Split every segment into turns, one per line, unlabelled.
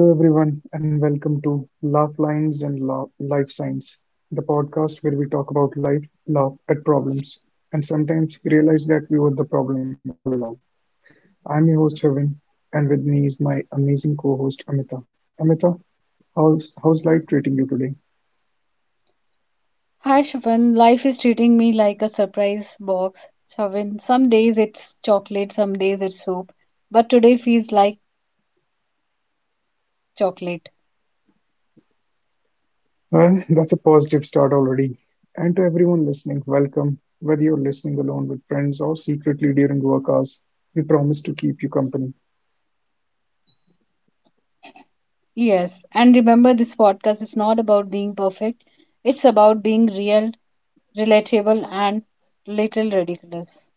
Hello, everyone, and welcome to Laugh Lines and Life Science, the podcast where we talk about life, laugh at problems, and sometimes realize that we were the problem all along. I'm your host, Heaven, and with me is my amazing co host, Amita. Amita, how's life treating you today?
Hi, Shafan. Life is treating me like a surprise box. Shafan, some days it's chocolate, some days it's soup, but today feels like chocolate.
Well, that's a positive start already. And to everyone listening, welcome. Whether you're listening alone with friends or secretly during work hours, we promise to keep you company.
Yes, and remember, this podcast is not about being perfect, it's about being real, relatable, and little ridiculous.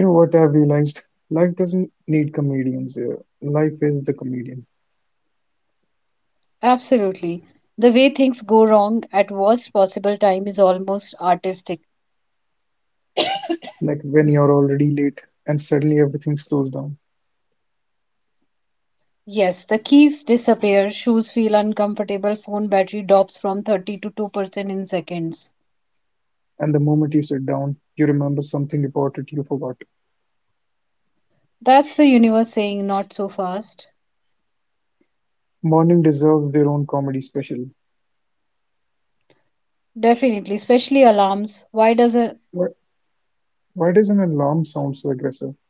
You know what I've realized? Life doesn't need comedians. Life is the comedian.
Absolutely. The way things go wrong at worst possible time is almost artistic.
Like when you're already late and suddenly everything slows down.
Yes, the keys disappear, shoes feel uncomfortable, phone battery drops from 30 to 2% in seconds.
And the moment you sit down, you remember something important you forgot.
That's the universe saying not so fast.
Morning deserves their own comedy special.
Definitely, especially alarms. Why does it?
Why, why does an alarm sound so aggressive?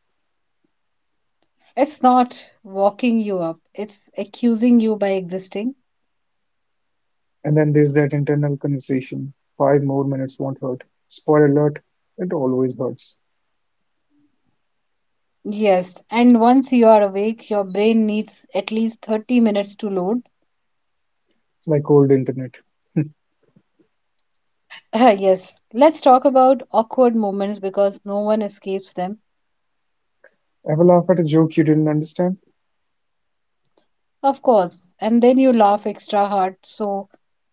It's not walking you up, it's accusing you by existing.
And then there's that internal conversation. Five more minutes won't hurt. Spoiler alert, it always hurts.
Yes, and once you are awake, your brain needs at least 30 minutes to load.
Like old internet.
Yes, let's talk about awkward moments because no one escapes them.
Ever laugh at a joke you didn't understand?
Of course, and then you laugh extra hard so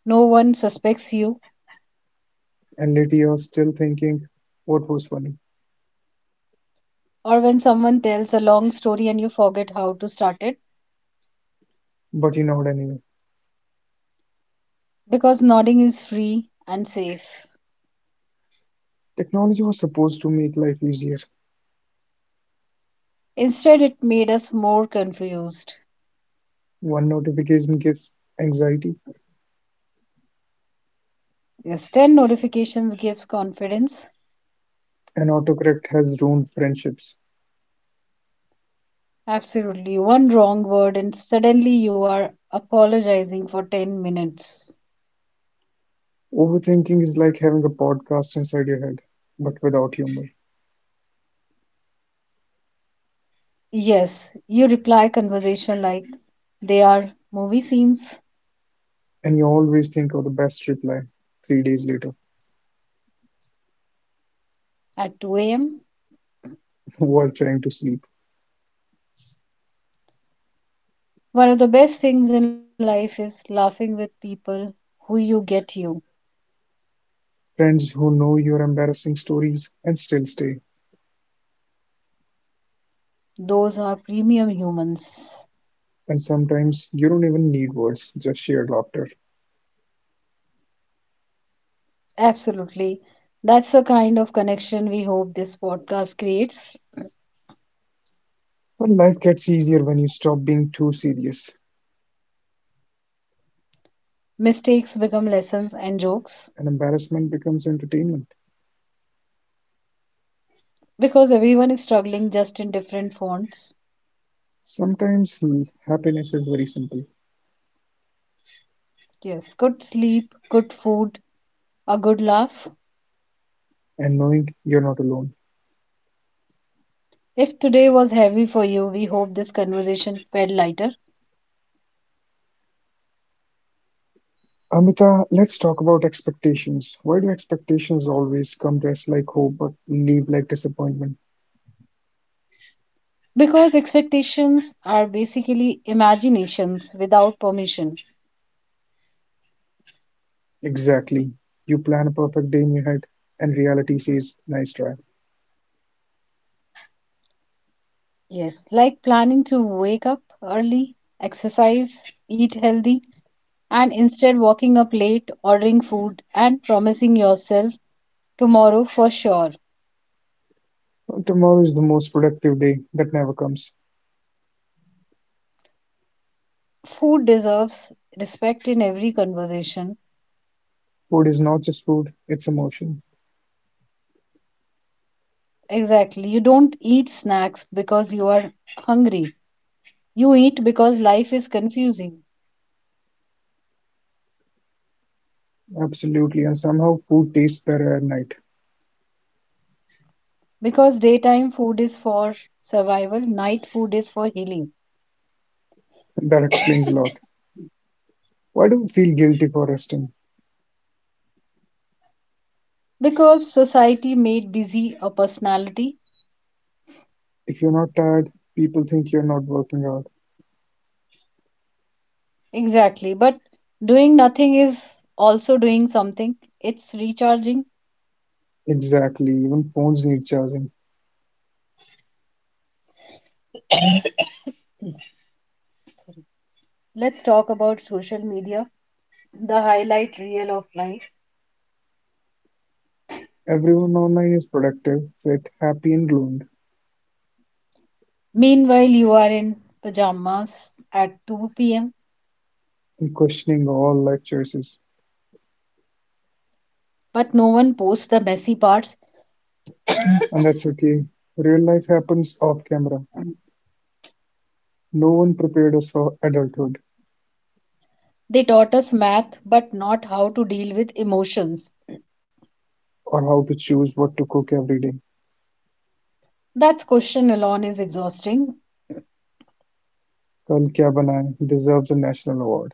no one suspects you,
And later you're still thinking, what was funny?
or when someone tells a long story and you forget how to start it,
But you know what I mean.
because nodding is free and safe.
Technology was supposed to make life easier.
Instead, it made us more confused.
One notification gives anxiety,
Yes, 10 notifications gives confidence.
and autocorrect has ruined friendships.
Absolutely. One wrong word, and suddenly you are apologizing for 10 minutes.
Overthinking is like having a podcast inside your head, but without humor.
Yes, you reply conversation like they are movie scenes
And you always think of the best reply 3 days later
at 2 a.m.
while trying to sleep.
One of the best things in life is laughing with people who you get you.
Friends who know your embarrassing stories and still stay.
Those are premium humans.
And sometimes you don't even need words, just sheer laughter.
Absolutely. That's the kind of connection we hope this podcast creates.
But life gets easier when you stop being too serious,
Mistakes become lessons and jokes
and embarrassment becomes entertainment.
because everyone is struggling just in different fonts.
Sometimes happiness is very simple,
Yes, good sleep, good food, a good laugh.
and knowing you're not alone.
If today was heavy for you, we hope this conversation felt lighter
Amita, let's talk about expectations. Why do expectations always come to us like hope but leave like disappointment?
because expectations are basically imaginations without permission.
Exactly. You plan a perfect day in your head, and reality says, nice try.
Yes, like planning to wake up early, exercise, eat healthy, and instead waking up late, ordering food, and promising yourself tomorrow for sure.
Tomorrow is the most productive day that never comes.
Food deserves respect in every conversation.
Food is not just food, it's emotion.
Exactly. You don't eat snacks because you are hungry. You eat because life is confusing.
Absolutely, and somehow food tastes better at night.
Because daytime food is for survival, night food is for healing.
That explains a lot. Why do we feel guilty for resting?
Because society made busy a personality.
If you're not tired, people think you're not working out.
Exactly. But doing nothing is also doing something. It's recharging.
Exactly, even phones need charging.
Let's talk about social media, the highlight reel of life.
Everyone online is productive, fit, happy, and gloomed,
Meanwhile, you are in pajamas at 2 p.m.,
and questioning all life choices.
but no one posts the messy parts.
And that's okay. Real life happens off camera. No one prepared us for adulthood
They taught us math, but not how to deal with emotions.
or how to choose what to cook every day.
That question alone is exhausting.
Kal Kya Banaye deserves a national award.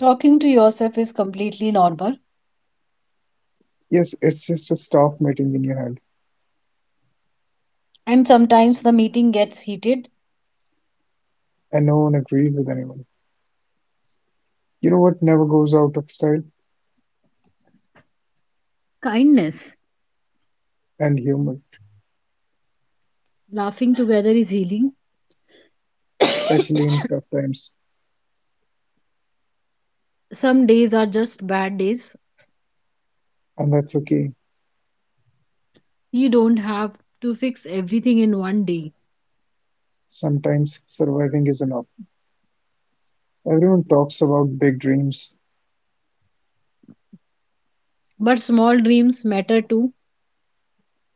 Talking to yourself is completely normal,
Yes, it's just a staff meeting in your head,
and sometimes the meeting gets heated.
and no one agrees with anyone. You know what never goes out of style?
Kindness,
And humor,
laughing together is healing.
especially in tough times.
Some days are just bad days.
And that's okay.
You don't have to fix everything in one day.
Sometimes surviving is enough. Everyone talks about big dreams,
But small dreams matter too,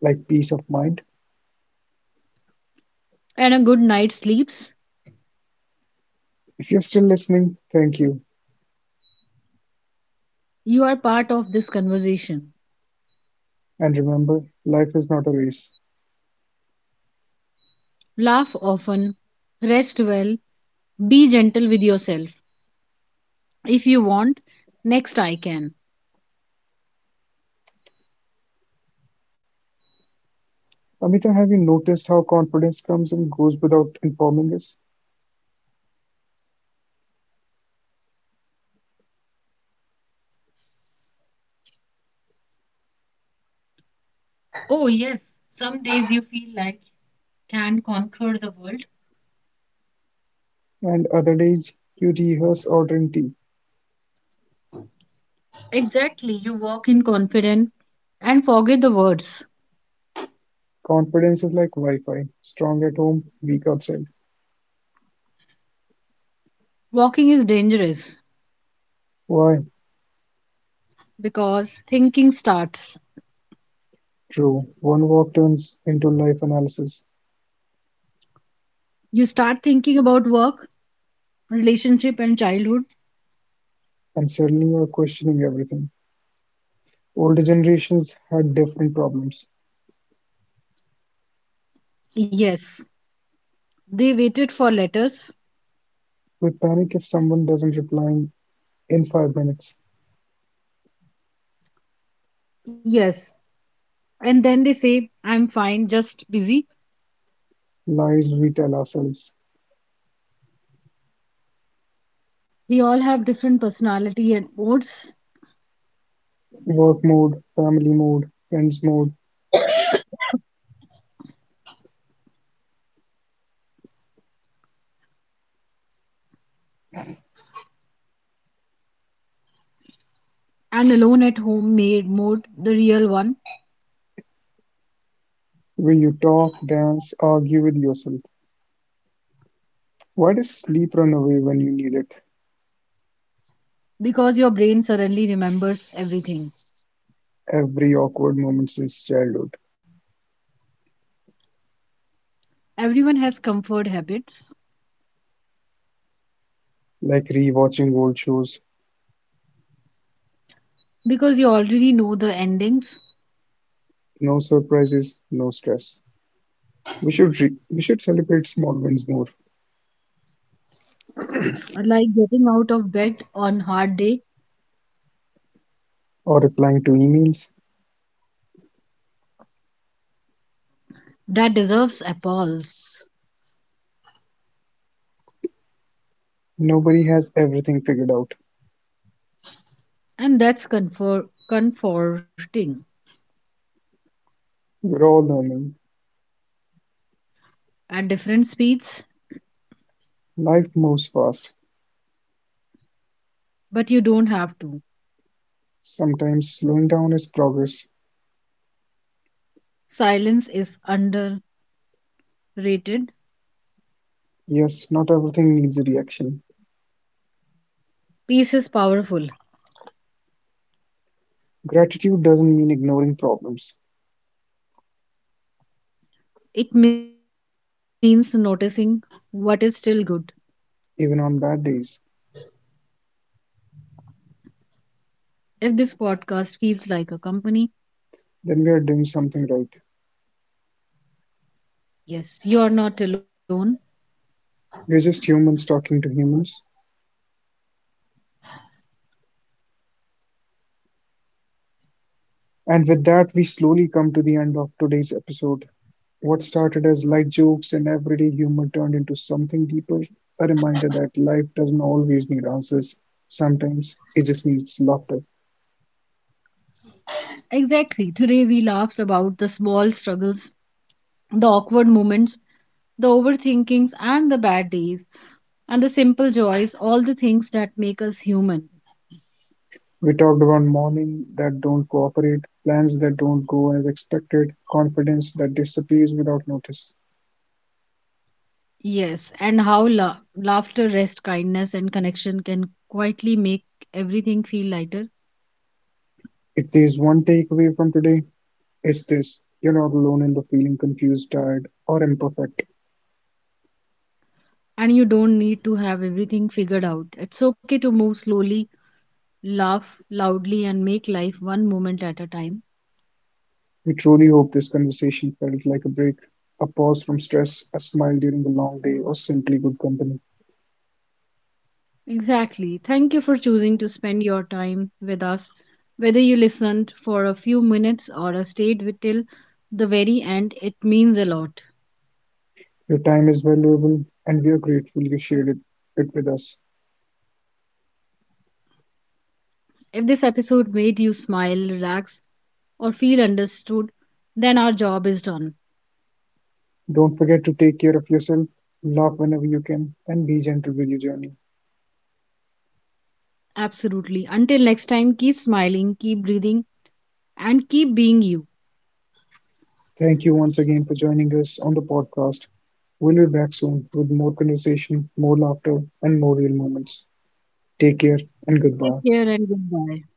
like peace of mind.
and a good night's sleeps.
If you're still listening, thank you.
You are part of this conversation.
And remember, life is not a race.
Laugh often, rest well, be gentle with yourself. If you want, next I can.
Amita, have you noticed how confidence comes and goes without informing us?
Oh, yes. Some days you feel like can conquer the world.
And other days, you rehearse ordering tea.
Exactly. You walk in confident and forget the words.
Confidence is like Wi Fi strong at home, weak outside.
Walking is dangerous
Why?
because thinking starts.
True. One walk turns into life analysis,
You start thinking about work, relationship, and childhood.
and suddenly you're questioning everything. Older generations had different problems.
Yes. They waited for letters.
We panic if someone doesn't reply in 5 minutes.
Yes. And then they say, I'm fine, just busy.
Lies we tell ourselves.
We all have different personality and modes.
Work mode, family mode, friends mode,
And alone at home made mode, the real one,
where you talk, dance, argue with yourself. Why does sleep run away when you need it?
because your brain suddenly remembers everything.
Every awkward moment since childhood,
Everyone has comfort habits
like rewatching old shows,
because you already know the endings,
no surprises, no stress. We should celebrate small wins more,
like getting out of bed on hard day.
or replying to emails.
That deserves applause.
Nobody has everything figured out.
And that's comfort, comforting.
We're all learning.
At different speeds,
Life moves fast.
but you don't have to.
Sometimes slowing down is progress.
Silence is underrated.
Yes, not everything needs a reaction.
Peace is powerful.
Gratitude doesn't mean ignoring problems,
It means noticing what is still good.
even on bad days,
If this podcast feels like a company,
then we are doing something right.
yes, you are not alone.
We're just humans talking to humans. And with that, we slowly come to the end of today's episode. What started as light jokes and everyday humor turned into something deeper, a reminder that life doesn't always need answers. Sometimes it just needs laughter.
Exactly. Today we laughed about the small struggles, the awkward moments, the overthinkings, and the bad days, and the simple joys, all the things that make us human.
We talked about morning that don't cooperate, plans that don't go as expected, confidence that disappears without notice.
Yes, and how laughter, rest, kindness, and connection can quietly make everything feel lighter.
If there's one takeaway from today, it's this: you're not alone in the feeling confused, tired, or imperfect.
And you don't need to have everything figured out. It's okay to move slowly, laugh loudly, and make life one moment at a time.
We truly hope this conversation felt like a break, a pause from stress, a smile during a long day, or simply good company.
Exactly. Thank you for choosing to spend your time with us. Whether you listened for a few minutes or stayed with till the very end, it means a lot.
Your time is valuable, and we are grateful you shared it with us.
If this episode made you smile, relax, or feel understood, then our job is done.
Don't forget to take care of yourself, laugh whenever you can, and be gentle with your journey.
Absolutely. Until next time, keep smiling, keep breathing, and keep being you.
Thank you once again for joining us on the podcast. We'll be back soon with more conversation, more laughter, and more real moments. Take care and goodbye.
Take care and goodbye.